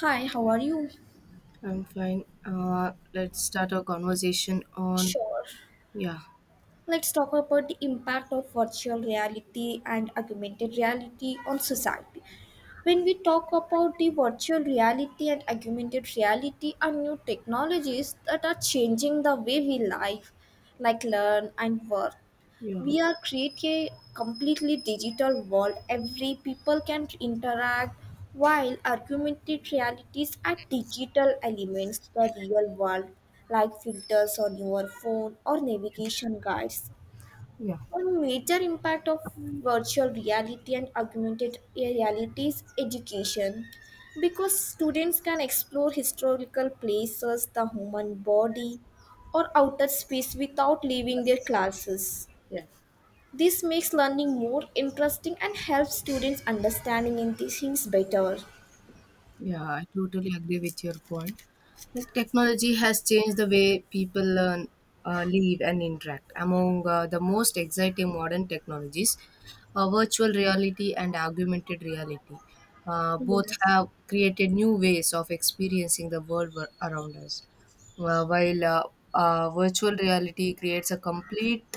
Hi, how are you? I'm fine. Let's start our conversation on Sure. yeah, Let's talk about the impact of virtual reality and augmented reality on society. When we talk about the virtual reality and augmented reality are new technologies that are changing the way we live, like learn and work. yeah, We are create a completely digital world every people can interact, while augmented realities are digital elements the real world, like filters on your phone or navigation guides. yeah, One major impact of virtual reality and augmented reality is education, because students can explore historical places, the human body, or outer space without leaving their classes. yeah, This makes learning more interesting and helps students understanding and teachings better. yeah. I totally agree with your point. Like technology has changed the way people learn, live, and interact. Among the most exciting modern technologies, virtual reality and augmented reality, both Yes. have created new ways of experiencing the around us. While Virtual reality creates a complete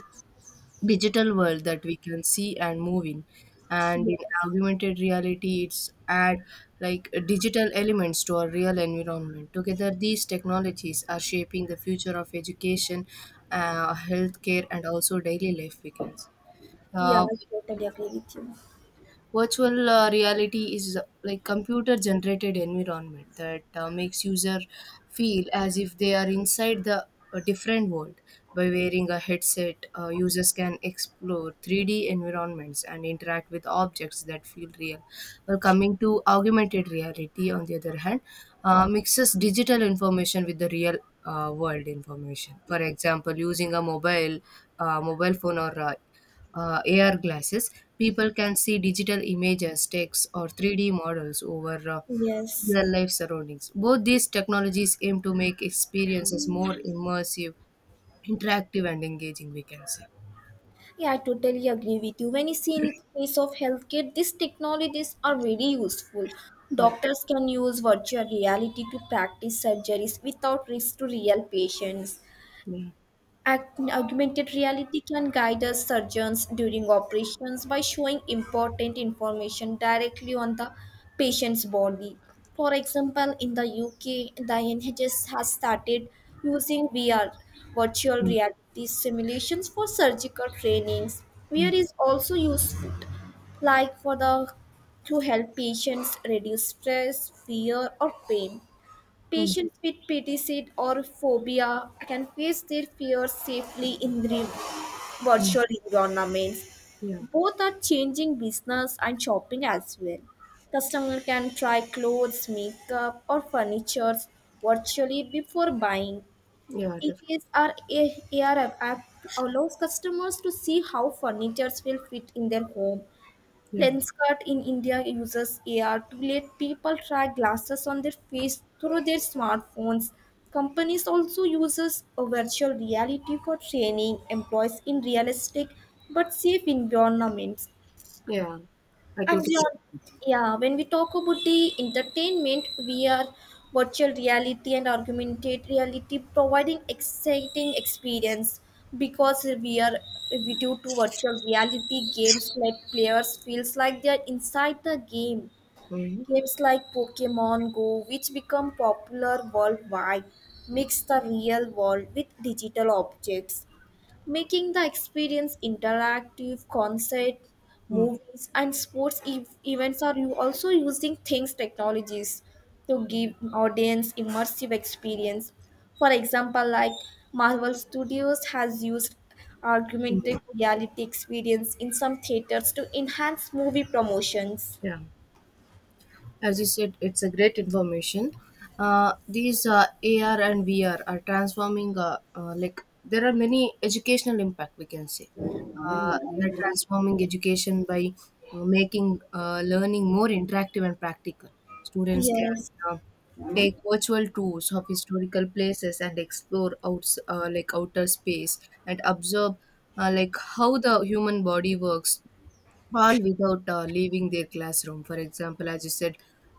digital world that we can see and move in and in Yes. augmented reality it's add like digital elements to our real environment. Together these technologies are shaping the future of education, healthcare, and also daily life, we can say. Yeah, uh, I totally agree with you. Virtual reality is like computer generated environment that makes user feel as if they are inside the a different world. By wearing a headset, users can explore 3D environments and interact with objects that feel real. While coming to augmented reality on the other hand, mixes digital information with the real world information. For example, using a mobile phone or AR glasses, people can see digital images, text, or 3D models over Yes. real life surroundings. Both these technologies aim to make experiences more immersive, interactive, and engaging, we can say. Yeah, I totally agree with you. When you see in case of healthcare, these technologies are very useful. Yeah. Doctors can use virtual reality to practice surgeries without risk to real patients. Yeah. Augmented reality can guide us surgeons during operations by showing important information directly on the patient's body. For example, in the UK, the NHS has started using VR virtual Mm, reality simulations for surgical trainings. VR mm, is also useful, like, for the, to help patients reduce stress, fear or pain. mm, Patients with PTCD or phobia can face their fears safely in the mm. virtual environments. Yeah. Both are changing business and shopping as well. Customer can try clothes, makeup, or furniture virtually before buying. Yeah. Definitely. EKS are AR app allows customers to see how furniture will fit in their home. Yeah. Lenskart in India uses AR to let people try glasses on their face through their smartphones. Companies also uses a virtual reality for training employees in realistic but safe environments. Yeah. I And totally. beyond, yeah, when we talk about the entertainment, we are virtual reality and augmented reality providing exciting experience, because we due to virtual reality games, like players feels like they are inside the game. Mm-hmm. Games like Pokemon Go, which become popular worldwide, mix the real world with digital objects, making the experience interactive. Concert Mm-hmm. movies and sports events are you also using things technologies to give audience immersive experience. For example, like Marvel Studios has used augmented Mm-hmm. reality experience in some theaters to enhance movie promotions. Yeah. As you said, it's a great information. These AR and VR are transforming. Like there are many educational impact, we can say. Uh, they are transforming education by making learning more interactive and practical. Students can Yes. uh, take virtual tours of historical places and explore outs like outer space and observe like how the human body works, all without leaving their classroom. For example, as you said,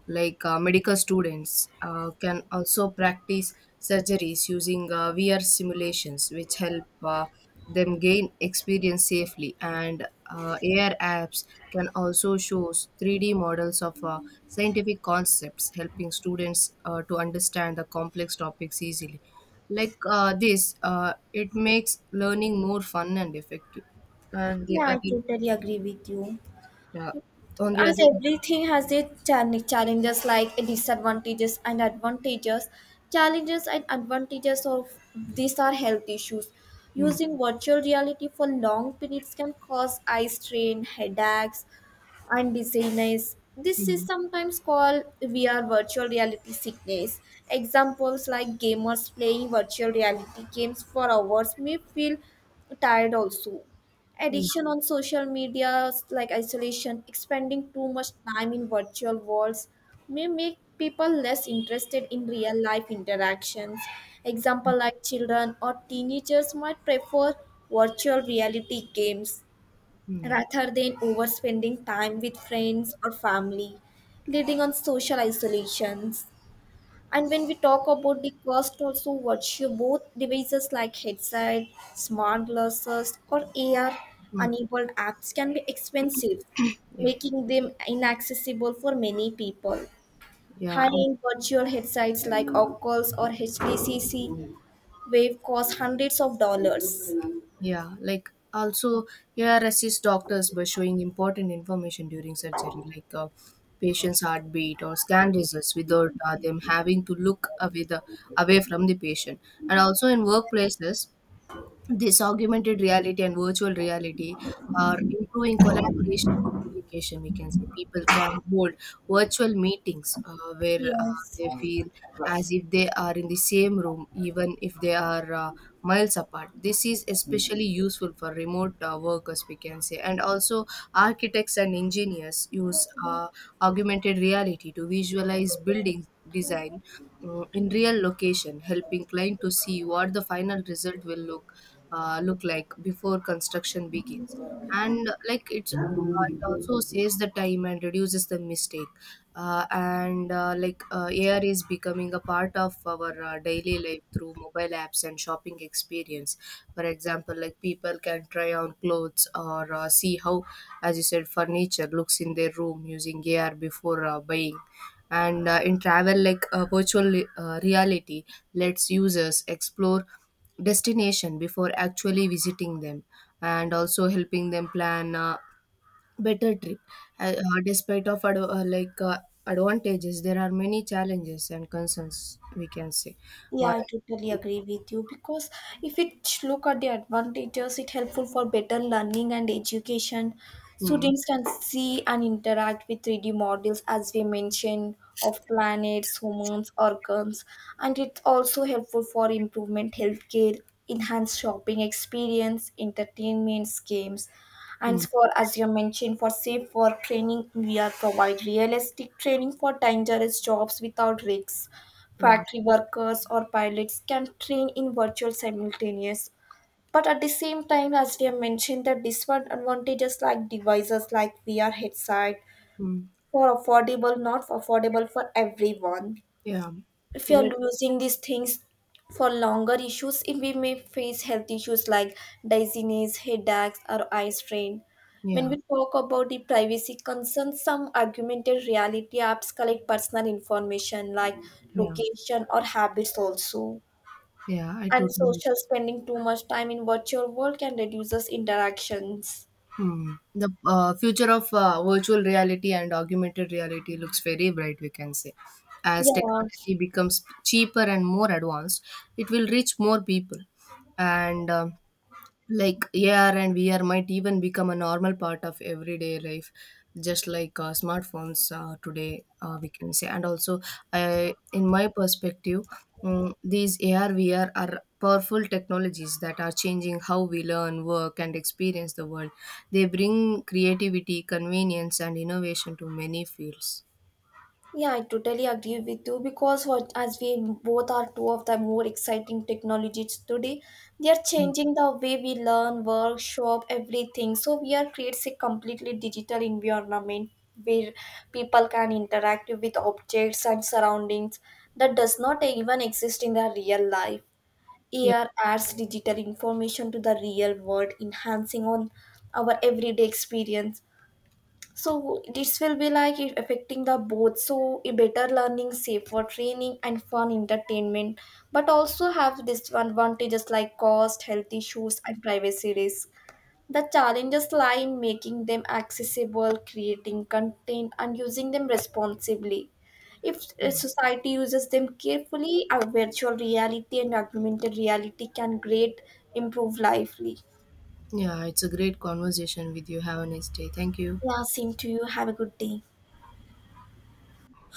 like medical students can also practice surgeries using VR simulations, which help them gain experience safely. And AR apps can also show 3D models of scientific concepts, helping students to understand the complex topics easily. It makes learning more fun and effective. And the Yeah, I other totally agree with you. yeah. On the other As everything has its challenges, like disadvantages and advantages, challenges and advantages of these are health issues. mm, Using virtual reality for long periods can cause eye strain, headaches and dizziness. This is mm, sometimes called VR virtual reality sickness. Examples like gamers playing virtual reality games for hours may feel tired also. yeah, Addiction on social media, like isolation, spending too much time in virtual worlds, may make people less interested in real life interactions. Example like children or teenagers might prefer virtual reality games mm, rather than overspending time with friends or family, leading on social isolations. And when we talk about the cost, also virtue, both devices like headset, smart glasses, or AR mm, enabled apps can be expensive, yeah, making them inaccessible for many people. yeah, High and end virtual headsets like Oculus or HTCC Wave cost hundreds of dollars. yeah, like also AR assists doctors by showing important information during surgery, like patient's heartbeat or scan results without them having to look away the away from the patient. And also in workplaces, this augmented reality and virtual reality are improving collaboration and communication, we can say. People can hold virtual meetings where Yes. they feel as if they are in the same room, even if they are miles apart. This is especially useful for remote workers, we can say. And also architects and engineers use augmented reality to visualize building design, mm, in real location, helping client to see what the final result will look like before construction begins. And it also saves the time and reduces the mistake. And like AR is becoming a part of our daily life through mobile apps and shopping experience. For example, like people can try on clothes or see how, as you said, furniture looks in their room using AR before buying. And in travel, like reality lets users explore destination before actually visiting them, and also helping them plan a better trip. Despite of advantages, there are many challenges and concerns, we can say. Yeah, Why I totally agree with you, because if it look at the advantages, it helpful for better learning and education. mm, Students can see and interact with 3D models, as we mentioned, of planets, humans, organs, and it's also helpful for improvement healthcare, enhanced shopping experience, entertainment games. And mm, for, as you mentioned, for safe work training, we are provide realistic training for dangerous jobs without risks. yeah, Factory workers or pilots can train in virtual simultaneous. But at the same time, as we have mentioned, the disadvantages like devices like VR headset mm, for affordable, not affordable for everyone. yeah, If you're like, losing these things for longer issues, if we may face health issues like dizziness, headaches or eye strain. When yeah, we talk about the privacy concerns, some augmented reality apps collect personal information like yeah, location or habits also. yeah, I And totally. social, spending too much time in virtual world can reduce us interactions. Hmm. The future of virtual reality and augmented reality looks very bright, we can say. As Yeah. technology becomes cheaper and more advanced, it will reach more people. And Like AR and VR might even become a normal part of everyday life, just like smartphones today, we can say. And also, I, in my perspective, mm, these AR, VR are powerful technologies that are changing how we learn, work, and experience the world. They bring creativity, convenience, and innovation to many fields. Yeah, I totally agree with you because what, as we both are two of the more exciting technologies today, they are changing the way we learn, work, shop, everything. So we are creates a completely digital environment where people can interact with objects and surroundings that does not even exist in the real life. Yeah, AR adds digital information to the real world, enhancing on our everyday experience. So this will be like it affecting the both, so a better learning, safer training and fun entertainment, but also have disadvantages like cost, health issues and privacy risk. The challenges lie in making them accessible, creating content and using them responsibly. If a society uses them carefully, a virtual reality and augmented reality can great improve lively. yeah, it's a great conversation with you. Have a nice day. Thank you. Yeah, same to you, have a good day.